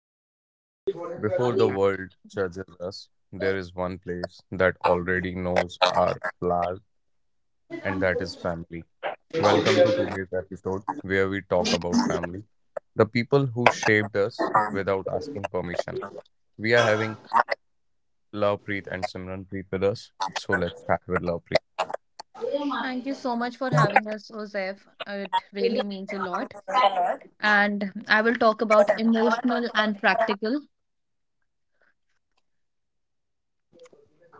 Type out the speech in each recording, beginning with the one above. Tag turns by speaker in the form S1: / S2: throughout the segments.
S1: before love, before the world judges us, there is one place that already knows our flaws, and that is family. Welcome to today's episode where we talk about family, the people who shaped us without asking permission. We are having Lovepreet and Simranpreet with us, so let's start with Lovepreet.
S2: Thank you so much for having us, Joseph. It really means a lot. And I will talk about emotional and practical.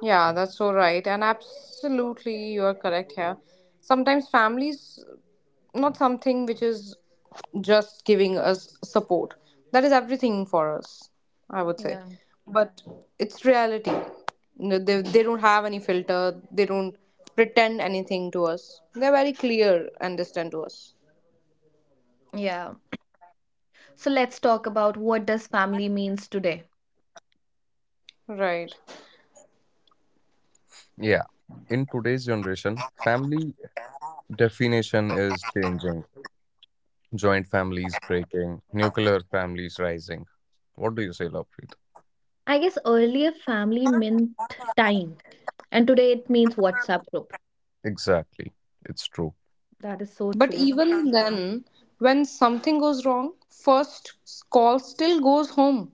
S3: Yeah, that's so right. And absolutely, you are correct here. Sometimes families, not something which is just giving us support. That is everything for us, I would say.
S2: Yeah.
S3: But it's reality. No, they don't have any filter, they don't pretend anything to us. They're very clear and distant to us.
S2: Yeah. So let's talk about what does family means today.
S3: Right.
S1: Yeah, in today's generation, family definition is changing. Joint families breaking, nuclear families rising. What do you say, Lovepreet?
S2: I guess earlier family meant time, and today it means WhatsApp group.
S1: Exactly. It's true.
S2: That is so
S3: But
S2: true.
S3: even then, when something goes wrong, first call still goes home.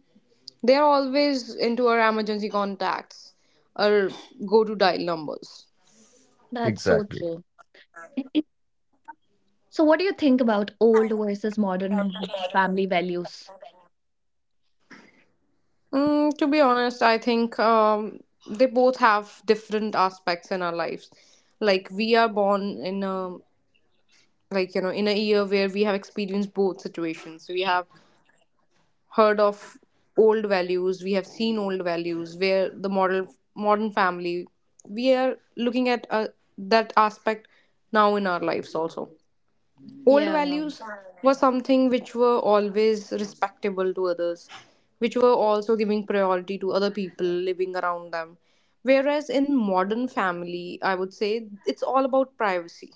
S3: They are always into our emergency contacts or go to dial numbers.
S2: That's so
S1: Exactly.
S2: true. So what do you think about old versus modern family values?
S3: To be honest, I think they both have different aspects in our lives. Like we are born in a, like, in a year where we have experienced both situations. We have heard of old values, we have seen old values, where the model modern family, we are looking at that aspect now in our lives also. Old
S2: Yeah.
S3: values were something which were always respectable to others, which were also giving priority to other people living around them. Whereas in modern family, I would say it's all about privacy.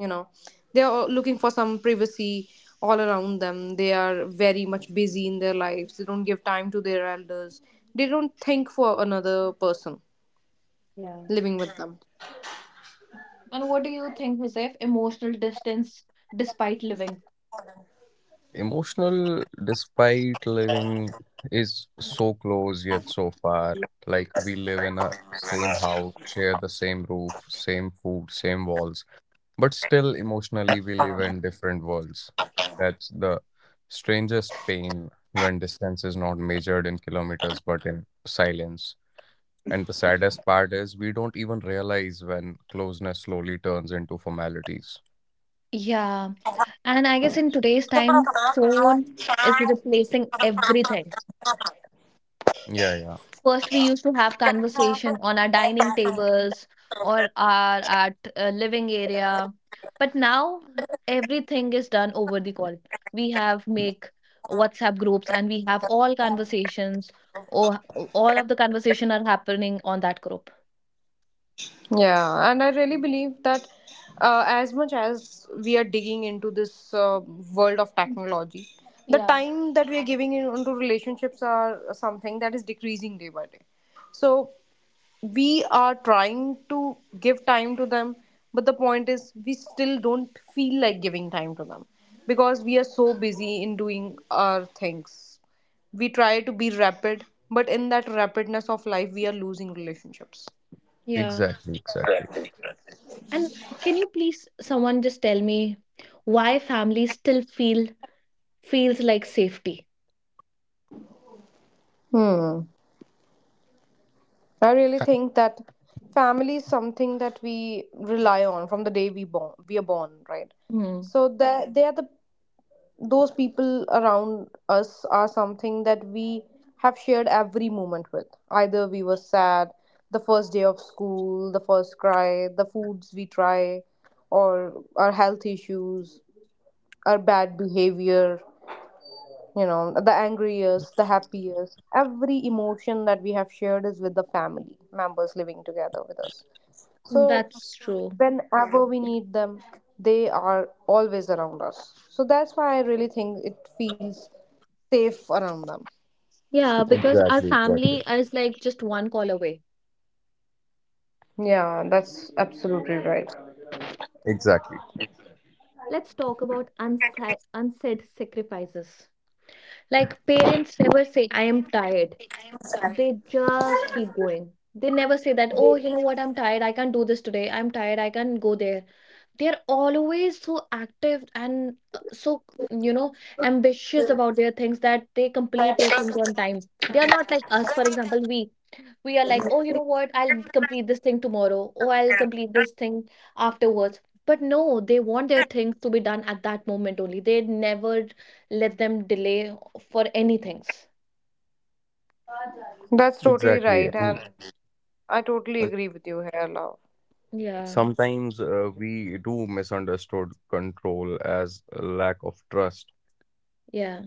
S3: You know, they are looking for some privacy all around them. They are very much busy in their lives. They don't give time to their elders. They don't think for another person
S2: Yeah.
S3: living with them.
S2: And what do you think, Joseph? Emotional distance despite living.
S1: Emotional, despite living, is so close yet so far. Like we live in a same house, share the same roof, same food, same walls, but still emotionally we live in different worlds. That's the strangest pain when distance is not measured in kilometers but in silence. And the saddest part is we don't even realize when closeness slowly turns into formalities.
S2: Yeah. And I guess in today's time, phone is replacing everything.
S1: Yeah, yeah.
S2: First, we used to have conversation on our dining tables or our at living area, but now everything is done over the call. We have make WhatsApp groups and we have all conversations or all of the conversation are happening on that group.
S3: Yeah, and I really believe that as much as we are digging into this world of technology, the
S2: Yeah.
S3: time that we are giving in, into relationships are something that is decreasing day by day. So we are trying to give time to them, but the point is we still don't feel like giving time to them because we are so busy in doing our things. We try to be rapid, but in that rapidness of life, we are losing relationships.
S2: Yeah.
S1: Exactly, exactly.
S2: And can you please someone just tell me why families still feel Feels like safety.
S3: Hmm. I really think that family is something that we rely on from the day we are born, right?
S2: Hmm.
S3: So that they are the those people around us are something that we have shared every moment with. Either we were sad, the first day of school, the first cry, the foods we try, or our health issues, our bad behavior, the angry years, the happy years, every emotion that we have shared is with the family members living together with us. So
S2: That's true.
S3: whenever we need them, they are always around us. So that's why I really think it feels safe around them.
S2: Yeah, because our
S1: Exactly,
S2: family
S1: exactly.
S2: is like just one call away.
S3: Yeah, that's absolutely right.
S1: Exactly.
S2: Let's talk about unsaid sacrifices. Like parents never say, I am tired. They just keep going. They never say that, oh, you know what, I'm tired. I can't do this today. I'm tired. I can't go there. They're always so active and so, you know ambitious about their things that they complete their things on time. They are not like us. For example, we are like, oh, you know what, I'll complete this thing tomorrow or I'll complete this thing afterwards. But no, they want their things to be done at that moment only. They never let them delay for any things.
S3: That's totally
S1: Exactly.
S3: right.
S1: And,
S3: And I totally
S1: and
S3: agree with you here, Love.
S2: Yeah.
S1: sometimes we do misunderstood control as a lack of trust.
S2: Yeah.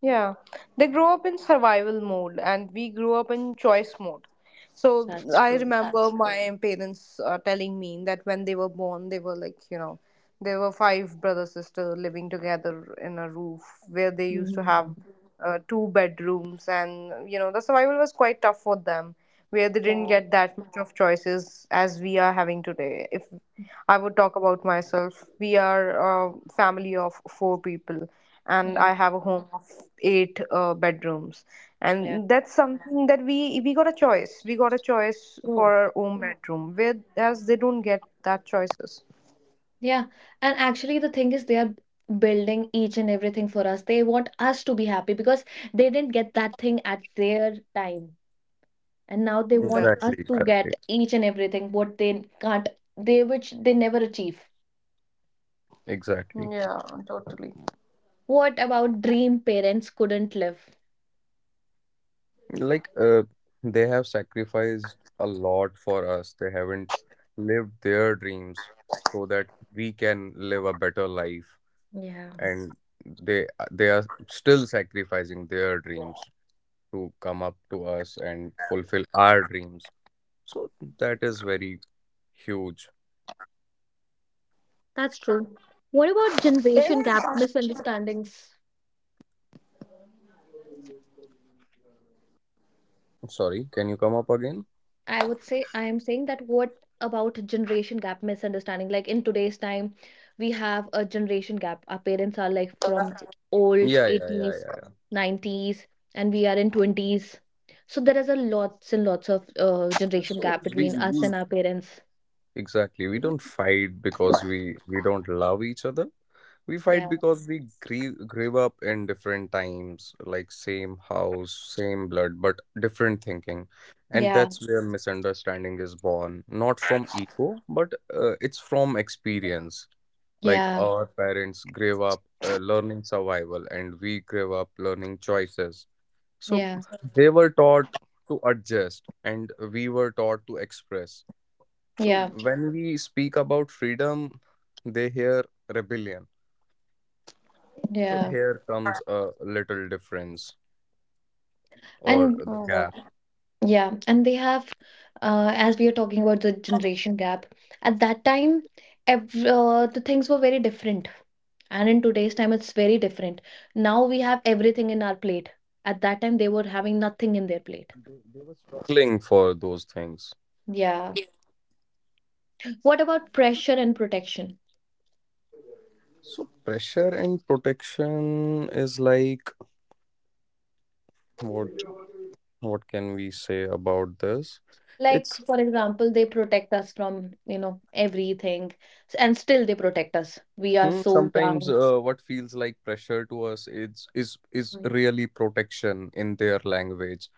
S3: Yeah, they grow up in survival mode, and we grew up in choice mode. So
S2: That's
S3: I
S2: true.
S3: remember. That's true. My parents telling me that when they were born, they were like. There were five brother sister living together in a roof where they used to have
S2: Mhm.
S3: two bedrooms, and the survival was quite tough for them, where they didn't
S2: Yeah.
S3: get that much of choices as we are having today. If I would talk about myself, we are a family of four people, and
S2: Mm,
S3: I have a home of eight bedrooms,
S2: yeah.
S3: and that's something that we got a choice. We got a choice for
S2: True.
S3: our own bedroom, whereas they don't get that choices.
S2: Yeah. And actually, the thing is, they are building each and everything for us. They want us to be happy because they didn't get that thing at their time. And now they want
S3: That.
S1: Exactly,
S2: us to get
S1: exactly.
S2: each and everything what they can't, they which they never achieve.
S1: Exactly.
S3: Yeah, totally.
S2: What about dream parents couldn't live?
S1: Like they have sacrificed a lot for us. They haven't lived their dreams so that we can live a better life.
S2: Yeah.
S1: And they are still sacrificing their dreams to come up to us and fulfill our dreams, so that is very huge.
S2: That's true. What about generation gap misunderstandings?
S1: Sorry, can you come up again?
S2: I am saying that what about generation gap misunderstanding? Like in today's time, we have a generation gap. Our parents are like from old
S1: Yeah, yeah, yeah,
S2: 80s,
S1: yeah, yeah.
S2: 90s, and we are in 20s. So there is a lots and lots of
S1: And
S2: generation
S1: so
S2: gap
S1: we,
S2: between us
S1: we
S2: and our parents.
S1: exactly we don't fight because we don't love each other. We fight
S2: Yeah.
S1: because we grew up in different times, like same house, same blood, but different thinking. And
S2: Yeah.
S1: that's where misunderstanding is born. Not from ego, but it's from experience. Like
S2: Yeah.
S1: our parents grew up learning survival, and we grew up learning choices. So
S2: Yeah.
S1: they were taught to adjust, and we were taught to express. So
S2: Yeah.
S1: when we speak about freedom, they hear rebellion, so
S2: Yeah.
S1: here comes a little difference or
S2: And
S1: the gap,
S2: yeah, and they have as we are talking about the generation gap, at that time, ev the things were very different. And in today's time, it's very different. Now we have everything in our plate. At that time, they were having nothing in their plate.
S1: cling for those things.
S2: Yeah. What about pressure and protection?
S1: So pressure and protection is like, what what can we say about this?
S2: Like,
S1: It's,
S2: for example, they protect us from everything, and still they protect us. We are
S1: hmm,
S2: so
S1: sometimes
S2: young.
S1: what feels like pressure to us is
S2: Mhm.
S1: really protection in their language,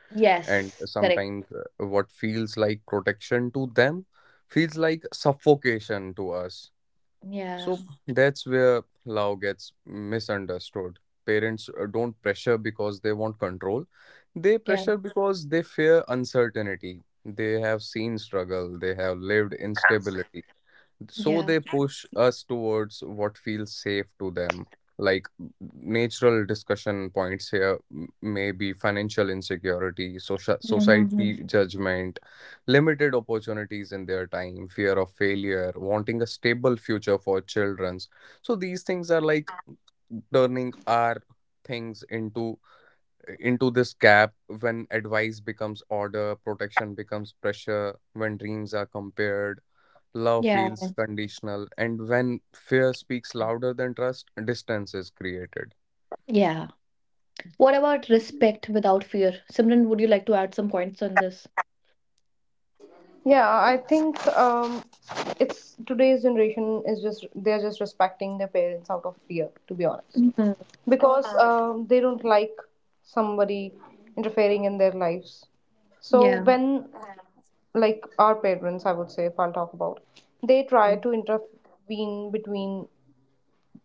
S1: and
S2: Yes, correct.
S1: sometimes what feels like protection to them feels like suffocation to us. So
S2: Yeah,
S1: that's where love gets misunderstood. Parents don't pressure because they want control. They
S2: yeah,
S1: pressure because they fear uncertainty. They have seen struggle. They have lived instability. So
S2: yeah.
S1: they push us towards what feels safe to them. Like natural discussion points here may be financial insecurity, social
S2: Mhm.
S1: society judgment, limited opportunities in their time, fear of failure, wanting a stable future for children's. So these things are like turning our things into this gap. When advice becomes order, protection becomes pressure, when dreams are compared, love
S2: Yeah,
S1: feels conditional, and when fear speaks louder than trust, distance is created.
S2: yeah. What about respect without fear? Simran, would you like to add some points on this?
S3: Yeah, I think it's today's generation is just they're just respecting their parents out of fear, to be honest,
S2: Mhm.
S3: because they don't like somebody interfering in their lives. So
S2: Yeah,
S3: when, like our parents, I would say, if I'll talk about, they try
S2: yeah,
S3: to intervene between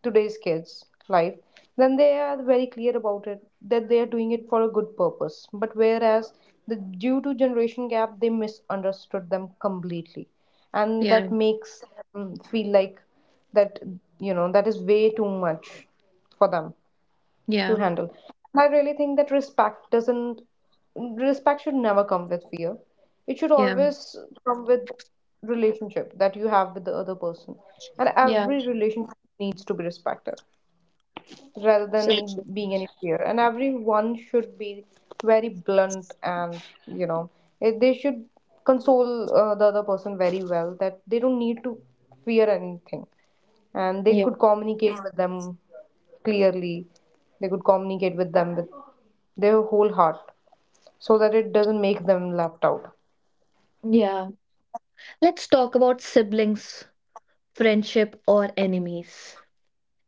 S3: today's kids life, then they are very clear about it that they are doing it for a good purpose, but whereas the due to generation gap, they misunderstood them completely, and that makes them feel like that that is way too much for them to
S2: yeah,
S3: handle. I really think that respect should never come with fear. It should
S2: yeah.
S3: always come with relationship that you have with the other person, and
S2: Yeah.
S3: every relationship needs to be respected rather than
S2: Friendship.
S3: being any fear. And everyone should be very blunt and, you know, they should console the other person very well that they don't need to fear anything. And they
S2: Yeah.
S3: could communicate with them clearly, they could communicate with them with their whole heart so that it doesn't make them left out.
S2: Yeah. Let's talk about siblings, friendship, or enemies.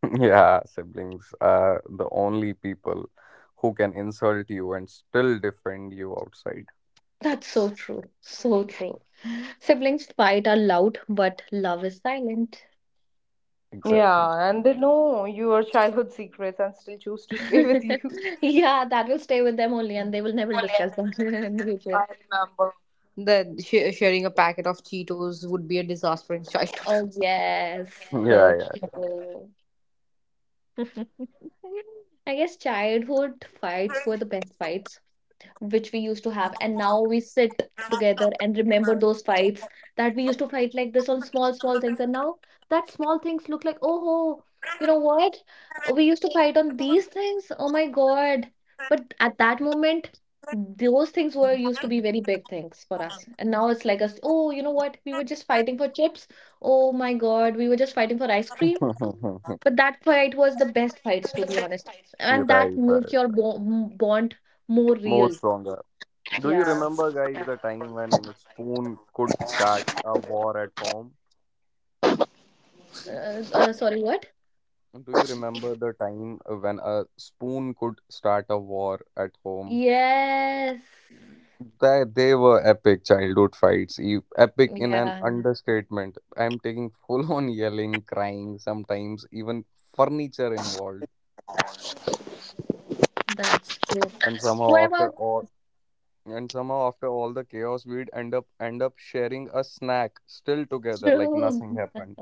S1: Yeah, siblings are the only people who can insult you and still defend you outside.
S2: That's so true. So true. Siblings fight are loud, but love is silent.
S1: Exactly.
S3: Yeah, and they know your childhood secrets and still choose to stay with you.
S2: Yeah, that will stay with them only, and they will never
S3: I
S2: discuss them in the future.
S3: remember that sharing a packet of Cheetos would be a disaster in childhood.
S2: Oh, yes. So
S1: Yeah,
S2: true. I guess childhood fights were the best fights, which we used to have. And now we sit together and remember those fights, that we used to fight like this on small, small things. And now that small things look like, oh, you know what, we used to fight on these things. Oh my God. But at that moment, those things were used to be very big things for us. And now it's like us, oh, you know what, we were just fighting for chips. Oh my God, we were just fighting for ice cream.
S1: yeah.
S2: But that fight was the best fights, to be honest.
S1: Right,
S2: And that
S1: right,
S2: make your
S1: right.
S2: bond more
S1: More
S2: real.
S1: stronger. Do you
S2: Yeah.
S1: remember, guys, the time when spoon could start a war at home?
S2: Sorry, what?
S1: Do you remember the time when a spoon could start a war at home?
S2: Yes.
S1: That they were epic childhood fights, epic in an
S2: Yeah,
S1: understatement. I'm taking full on yelling, crying, sometimes even furniture involved.
S2: that's true.
S1: And somehow
S2: What about
S1: after all, and somehow after all the chaos, we'd end up sharing a snack still together, like
S2: true?
S1: nothing happened.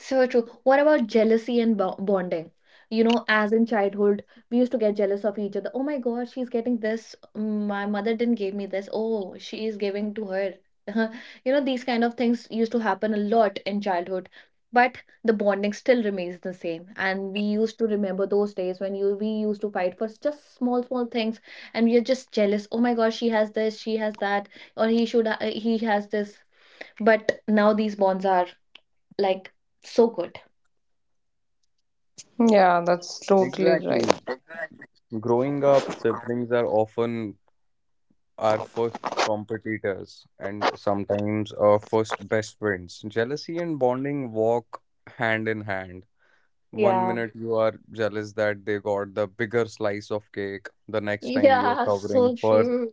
S2: So true. What about jealousy and bonding? As in childhood, we used to get jealous of each other. Oh my God, she's getting this. Mm, my mother didn't give me this. Oh, she is giving to her. You know, these kind of things used to happen a lot in childhood. But the bonding still remains the same. And we used to remember those days when you we used to fight for just small, small things, and we are just jealous. Oh my God, she has this, she has that, or he has this. But now these bonds are like, so good.
S3: Yeah, that's totally right.
S1: Exactly. Growing up, siblings are often our first competitors and sometimes our first best friends. Jealousy and bonding walk hand in hand. One
S2: Yeah.
S1: minute you are jealous that they got the bigger slice of cake. The next time you're
S2: Yeah,
S1: covering
S2: so
S1: for
S2: true.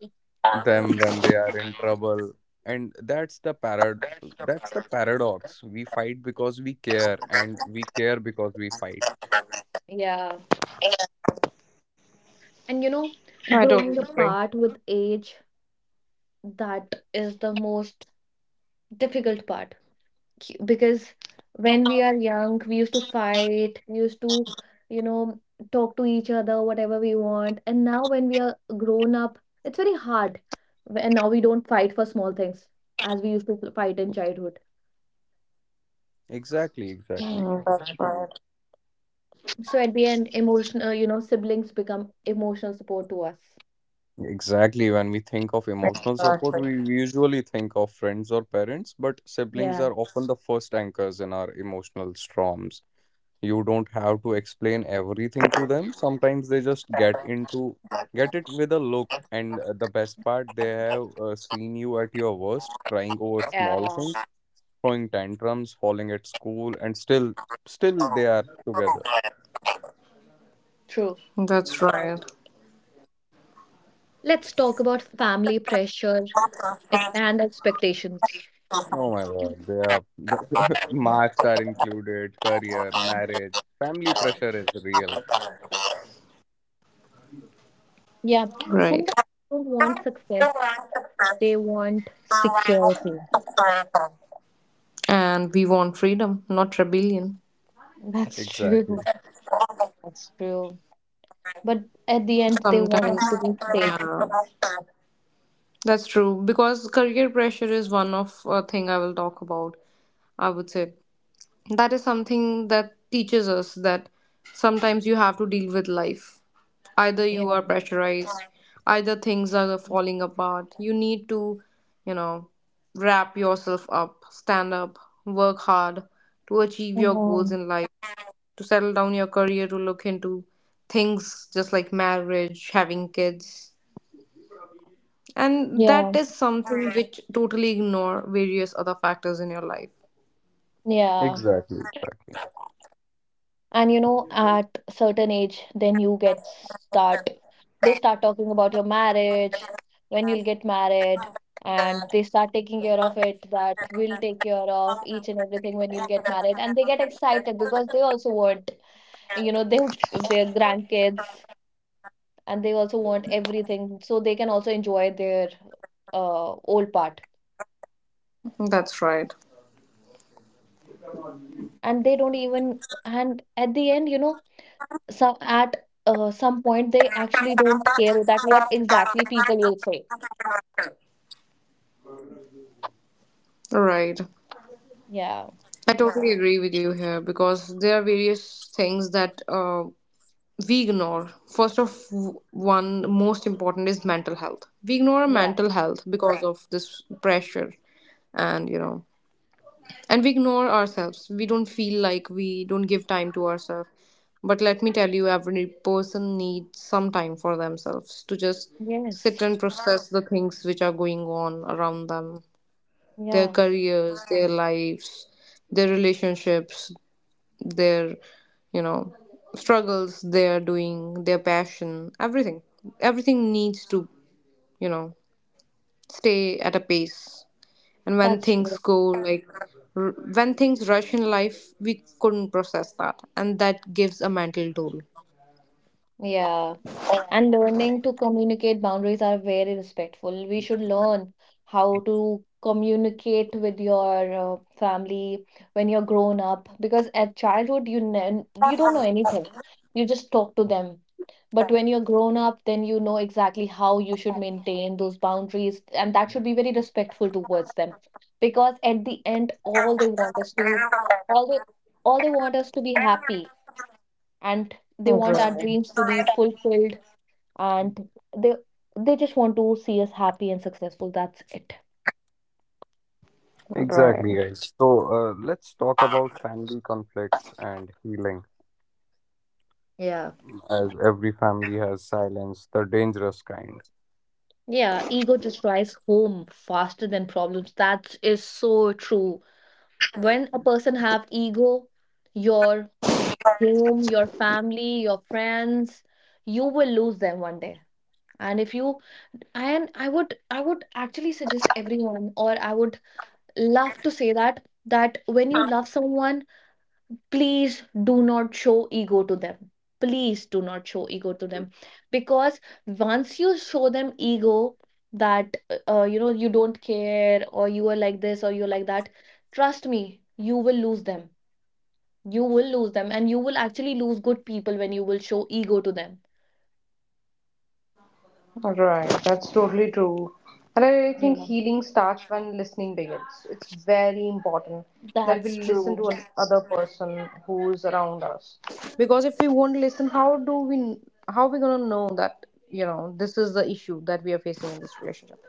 S1: them when they are in trouble. And that's the paradox. We fight because we care and we care because we fight.
S2: Yeah. And
S3: I totally
S2: growing
S3: agree.
S2: apart with age, that is the most difficult part. Because when we are young, we used to fight, we used to, you know, talk to each other, whatever we want. And now when we are grown up, it's very hard. And now we don't fight for small things as we used to fight in childhood.
S1: Exactly, exactly.
S3: That's
S2: So at the end, emotional siblings become emotional support to us.
S1: Exactly. When we think of emotional support, we
S3: right.
S1: usually think of friends or parents, but siblings
S2: Yeah.
S1: are often the first anchors in our emotional storms. You don't
S2: Yeah.
S1: have to explain everything to them. Sometimes they just
S3: Exactly.
S1: get it with a look, and the best part, they have seen you at your worst, crying over small
S2: Yeah.
S1: things, throwing tantrums, falling at school, and still they are together.
S2: True.
S3: That's right.
S2: Let's talk about family pressure and expectations.
S1: Oh my God, they are, marks are included, career, marriage, family pressure is real.
S2: Yeah.
S3: Right.
S2: Sometimes they don't want success, they want security.
S3: And we want freedom, not rebellion.
S2: That's true.
S1: Exactly.
S2: That's true. But at the end, they want
S3: Sometimes.
S2: us to be safe.
S3: Yeah. That's true because career pressure is one of a thing I will talk about. I would say that is something that teaches us that sometimes you have to deal with life. Either you
S2: Yeah.
S3: are pressurized, either things are falling apart. You need to, you know, wrap yourself up, stand up, work hard to achieve your goals
S2: Um,
S3: in life, to settle down your career, to look into things just like marriage, having kids. And
S2: yeah.
S3: that is something which totally ignore various other factors in your life.
S2: Yeah.
S1: Exactly. Exactly.
S2: And at certain age, then you get start they start talking about your marriage, when you'll get married. And they start taking care of it, that we'll take care of each and everything when you'll get married. And they get excited because they also want, you know, they their grandkids. And they also want everything so they can also enjoy their old part.
S3: That's right.
S2: And they don't even, and at the end, you know, some point they actually don't care that what exactly people will say.
S3: Right.
S2: Yeah.
S3: I totally agree with you here because there are various things that we ignore. First of one, most important is mental health. We ignore
S2: Yeah.
S3: mental health because of this pressure, and and we ignore ourselves, we don't give time to ourselves. But let me tell you, every person needs some time for themselves to just
S2: Yes.
S3: sit and process the things which are going on around them, their
S2: Yeah.
S3: careers, their lives, their relationships, their you know struggles, they're doing their passion, everything needs to you know stay at a pace. And when
S2: That's true.
S3: things go like r- when things rush in life, we couldn't process that, and that gives a mental toll.
S2: Yeah. And learning to communicate boundaries are very respectful. We should learn how to communicate with your family when you're grown up. Because at childhood, you ne- you don't know anything. You just talk to them. But when you're grown up, then you know exactly how you should maintain those boundaries, and that should be very respectful towards them. Because at the end, all they, all they want us to be happy, and they want our dreams to be
S3: Right.
S2: fulfilled. And they they just want to see us happy and successful. That's it.
S1: Exactly, guys. So, let's talk about family conflicts and healing.
S2: Yeah.
S1: As every family has silence, the dangerous kind.
S2: Yeah. Ego just drives home faster than problems. That is so true. When a person have ego, your home, your family, your friends, you will lose them one day. And if you, and I would actually suggest everyone, or I would love to say that
S3: Right.
S2: when you love someone, please do not show ego to them. Please do not show ego to them. Because once you show them ego, that you don't care, or you are like this, or you're like that, trust me, you will lose them. You will lose them, and you will actually lose good people when you will show ego to them.
S3: Right, that's totally true. And I really
S2: Yeah,
S3: think healing starts when listening begins. It's very important that we
S2: that's
S3: listen
S2: true.
S3: to another person who's around us. Because if we won't listen, how are we gonna know that, this is the issue that we are facing in this relationship?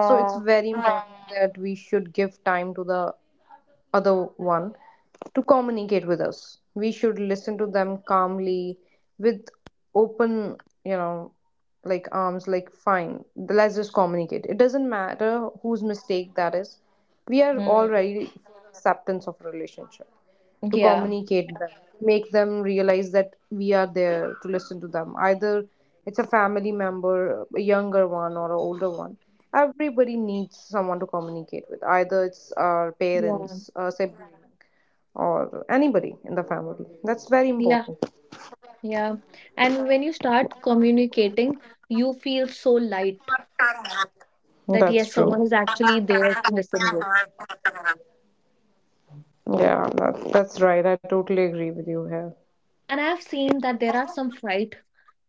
S3: So it's very important that we should give time to the other one to communicate with us. We should listen to them calmly with open, you know, like arms, like, fine, let's just communicate. It doesn't matter whose mistake that is. We are
S2: Hmm.
S3: already for acceptance of relationship to
S2: Yeah.
S3: communicate them, make them realize that we are there to listen to them. Either it's a family member, a younger one or an older one. Everybody needs someone to communicate with. Either it's our
S2: Yeah.
S3: parents, a sibling, or anybody in the family. That's very
S2: Yeah.
S3: important.
S2: Yeah. And when you start communicating, you feel so light, that
S3: That's
S2: yes,
S3: true.
S2: someone is actually there to listen with.
S3: Yeah, that's right. I totally agree with you here.
S2: And I've seen that there are some fight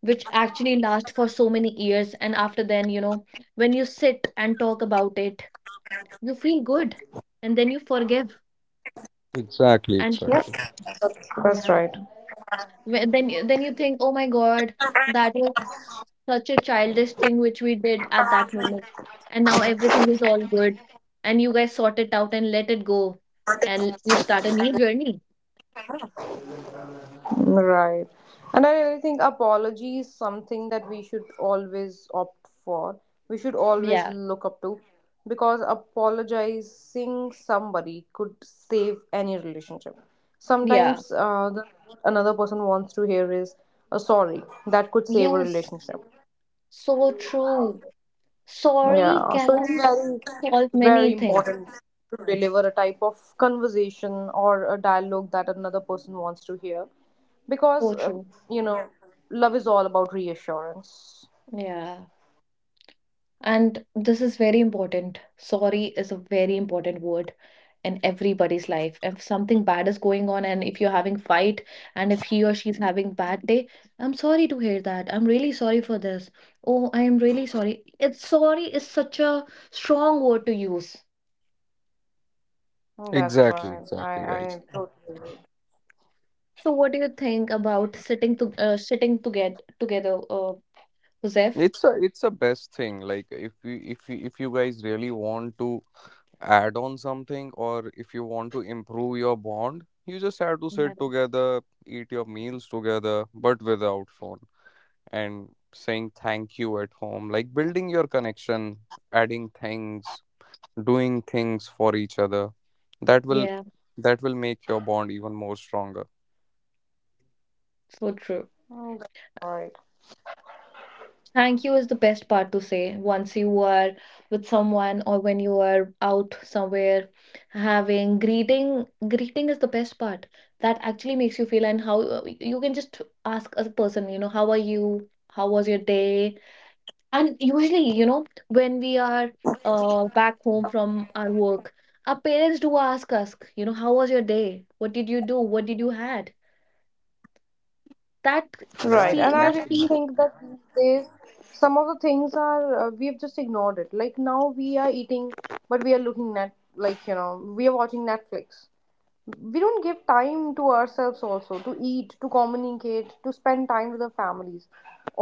S2: which actually last for so many years. And after then, you know, when you sit and talk about it, you feel good, and then you forgive,
S1: Exactly,
S2: and
S3: Yes,
S1: exactly,
S3: that's
S2: yeah,
S3: right.
S2: Then you think, oh my God, that was such a childish thing which we did at that moment. And now everything is all good, and you guys sort it out and let it go, and you start a new journey.
S3: Right. And I really think apology is something that we should always opt for. We should always
S2: Yeah,
S3: look up to because apologizing somebody could save any relationship.
S2: yeah,
S3: Sometimes what another person wants to hear is a sorry that could save a
S2: yes.
S3: relationship.
S2: So true. Sorry
S3: Yeah, so it's
S2: can
S3: very,
S2: solve
S3: very
S2: many things.
S3: important to deliver a type of conversation or a dialogue that another person wants to hear
S2: So
S3: because,
S2: true.
S3: you know, love is all about reassurance.
S2: Yeah. And this is very important. Sorry is a very important word in everybody's life. If something bad is going on and if you're having fight, and if he or she's having bad day, I'm sorry to hear that. I'm really sorry for this. Oh, I am really sorry. It's sorry is such a strong word to use.
S3: That's right.
S1: exactly, exactly, guys.
S2: So what do you think about sitting to get together, Joseph?
S1: It's a best thing. Like if you guys really want to add on something or if you want to improve your bond, you just have to
S2: Yeah.
S1: sit together, eat your meals together, but without phone, and saying thank you at home, like building your connection, adding things, doing things for each other that will
S2: Yeah.
S1: that will make your bond even more stronger.
S2: So true.
S3: That's right.
S2: Thank you is the best part to say once you are with someone, or when you are out somewhere. Having greeting is the best part that actually makes you feel. And how you can just ask a person, you know, how are you, how was your day. And usually, you know, when we are back home from our work, our parents do ask us, you know, how was your day, what did you do, what did you had, that,
S3: Right,
S1: Yeah,
S3: and
S2: see
S3: I
S2: that
S3: really
S1: exactly.
S2: feels
S3: think that these days some of the things are we've just ignored it. Like now we are eating, but we are looking at, like, we are watching Netflix. We don't give time to ourselves also to eat, to communicate, to spend time with our families.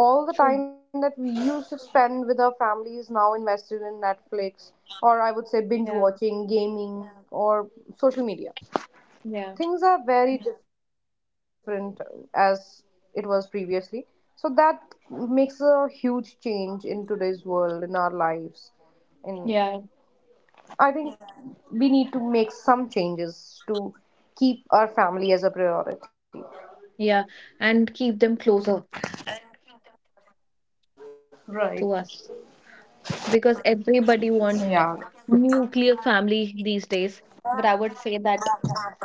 S3: All the
S2: true.
S3: time that we used to spend with our families now invested in Netflix, or I would say binge
S2: Yeah.
S3: watching, gaming, or social media.
S2: Yeah.
S3: Things are very different as it was previously, so that makes a huge change in today's world, in our lives, in
S2: Yeah.
S3: I think we need to make some changes to keep our family as a priority.
S2: Yeah, and keep them closer to
S3: Right.
S2: us, because everybody want
S3: Yeah.
S2: nuclear family these days. But I would say that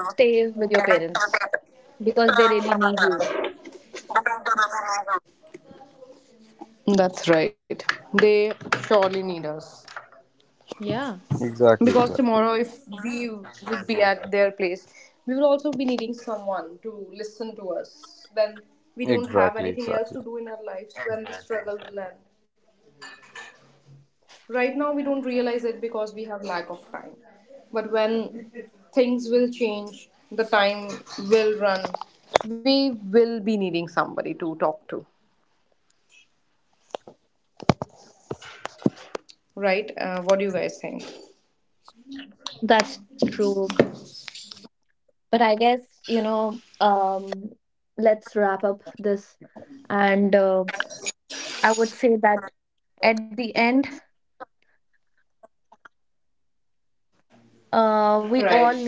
S2: stay with your parents, because they really need you.
S3: That's right. They surely need us.
S2: Yeah.
S1: Exactly,
S3: Because
S1: exactly,
S3: tomorrow, if we would be at their place, we will also be needing someone to listen to us. When we don't have
S1: exactly,
S3: anything
S1: exactly.
S3: else to do in our lives, when the struggle will end. Right now we don't realize it because we have lack of time, but when things will change, the time will run, we will be needing somebody to talk to. Right. What do you guys think?
S4: That's true. But you know, um, let's wrap up this. And I would say that at the end, we
S3: Right,
S4: all need.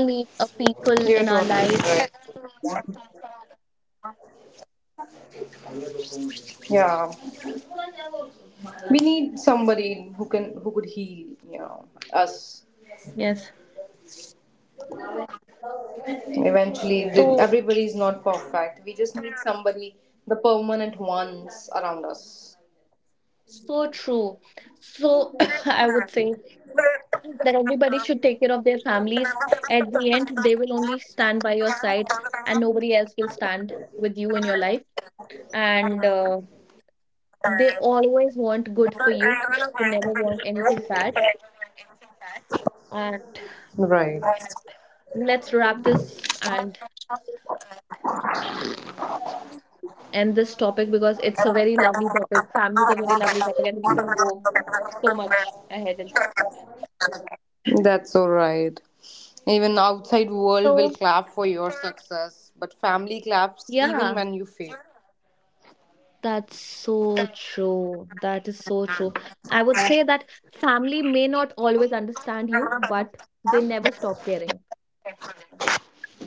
S5: Leave a
S3: you're
S5: people in
S3: totally
S5: our
S3: right.
S5: life.
S3: Yeah, we need somebody who could heal, us.
S5: Yes.
S3: Eventually,
S5: So
S3: everybody is not perfect, we just need somebody, the permanent ones around us.
S5: so true. So I would say that everybody should take care of their families. At the end, they will only stand by your side, and nobody else will stand with you in your life. And They always want good for you. They never want anything bad. And
S3: Right.
S5: let's wrap this and s- end this topic because it's a very lovely topic. Family is a very lovely topic, and we can go so much ahead in that.
S3: That's all right. Even outside
S5: So,
S3: world will clap for your success, but family claps
S5: yeah,
S3: even when you fail.
S5: that's so true. That is so true. I would say that family may not always understand you, but they never stop caring.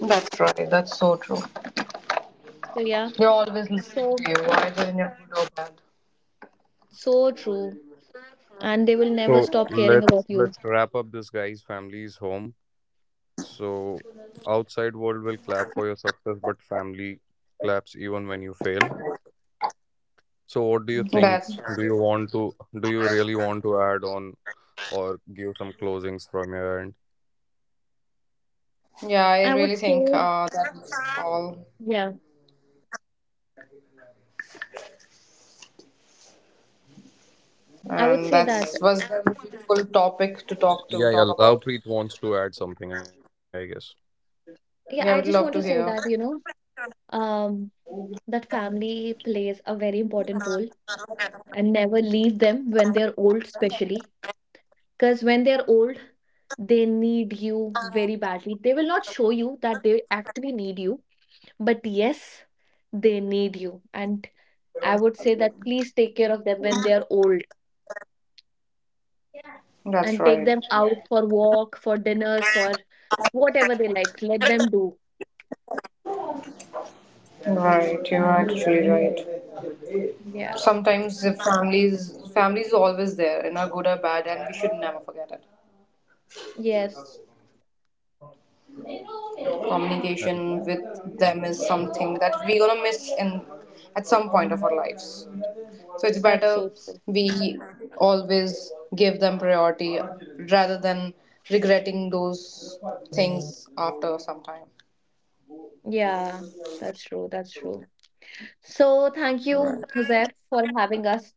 S3: That's right. That's so true.
S5: So, yeah,
S3: They're always looking
S5: so,
S3: for you, either in your good or bad.
S5: so true. And they will
S1: So
S5: never stop caring
S1: let's
S5: about you.
S1: let's wrap up this guy's family's home. So outside world will clap for your success, but family claps even when you fail. So what do you think?
S3: That's
S1: do
S3: right.
S1: you want to do you really want to add on or give some closings from your end?
S3: Yeah, I
S5: I would
S3: really think
S5: say,
S3: that's all,
S5: yeah, I would
S3: and
S5: say
S3: that
S5: that,
S3: was the beautiful topic to talk to
S1: Yeah, yeah,
S3: talk about.
S1: Lovepreet wants to add something, I guess.
S3: Yeah,
S5: yeah,
S3: I
S5: I
S3: would
S5: just
S3: love
S5: want
S3: to
S5: to say
S3: hear.
S5: that, um, that family plays a very important role and never leave them when they're old, especially because when they're old, they need you very badly. They will not show you that they actually need you, but yes, they need you. And I would say that please take care of them when they're old
S3: That's
S5: and take
S3: right.
S5: them out for walk, for dinners, for whatever they like. Let them do.
S3: Right, you're actually right.
S5: Yeah.
S3: Sometimes the families is always there in a good or bad, and we should never forget it.
S5: Yes.
S3: Communication with them is something that we're gonna miss in at some point of our lives. So it's
S5: That's
S3: better
S5: so true.
S3: we always give them priority rather than regretting those things after some time.
S5: Yeah, that's true. That's true. So thank you, Jose, for having us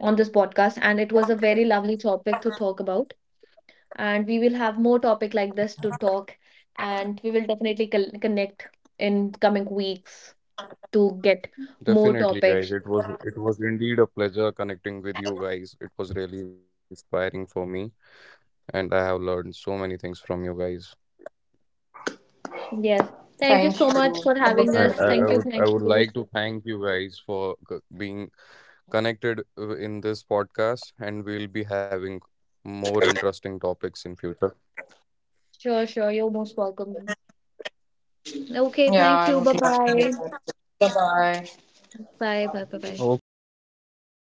S5: on this podcast. And it was a very lovely topic to talk about. And we will have more topic like this to talk. And we will definitely connect in coming weeks to get more
S1: Definitely,
S5: topics.
S1: guys. It was, indeed a pleasure connecting with you guys. It was really inspiring for me, and I have learned so many things from you guys.
S5: Yes. Thank you
S3: Thank
S5: so much
S3: you.
S5: for
S3: It
S5: having
S3: was
S5: us.
S1: I, I,
S3: lovely.
S5: Thank
S1: I
S5: you.
S1: would I
S5: Thank
S1: would
S5: you.
S1: like to thank you guys for being connected in this podcast, and we'll be having more interesting topics in future.
S5: Sure, sure. You're most welcome. Okay.
S3: Yeah,
S5: Thank
S3: I would
S5: you.
S3: love to hear
S5: Bye-bye.
S3: that. Bye bye.
S5: Bye. Bye. Bye. Bye.
S1: Okay, okay. Thank you, guys.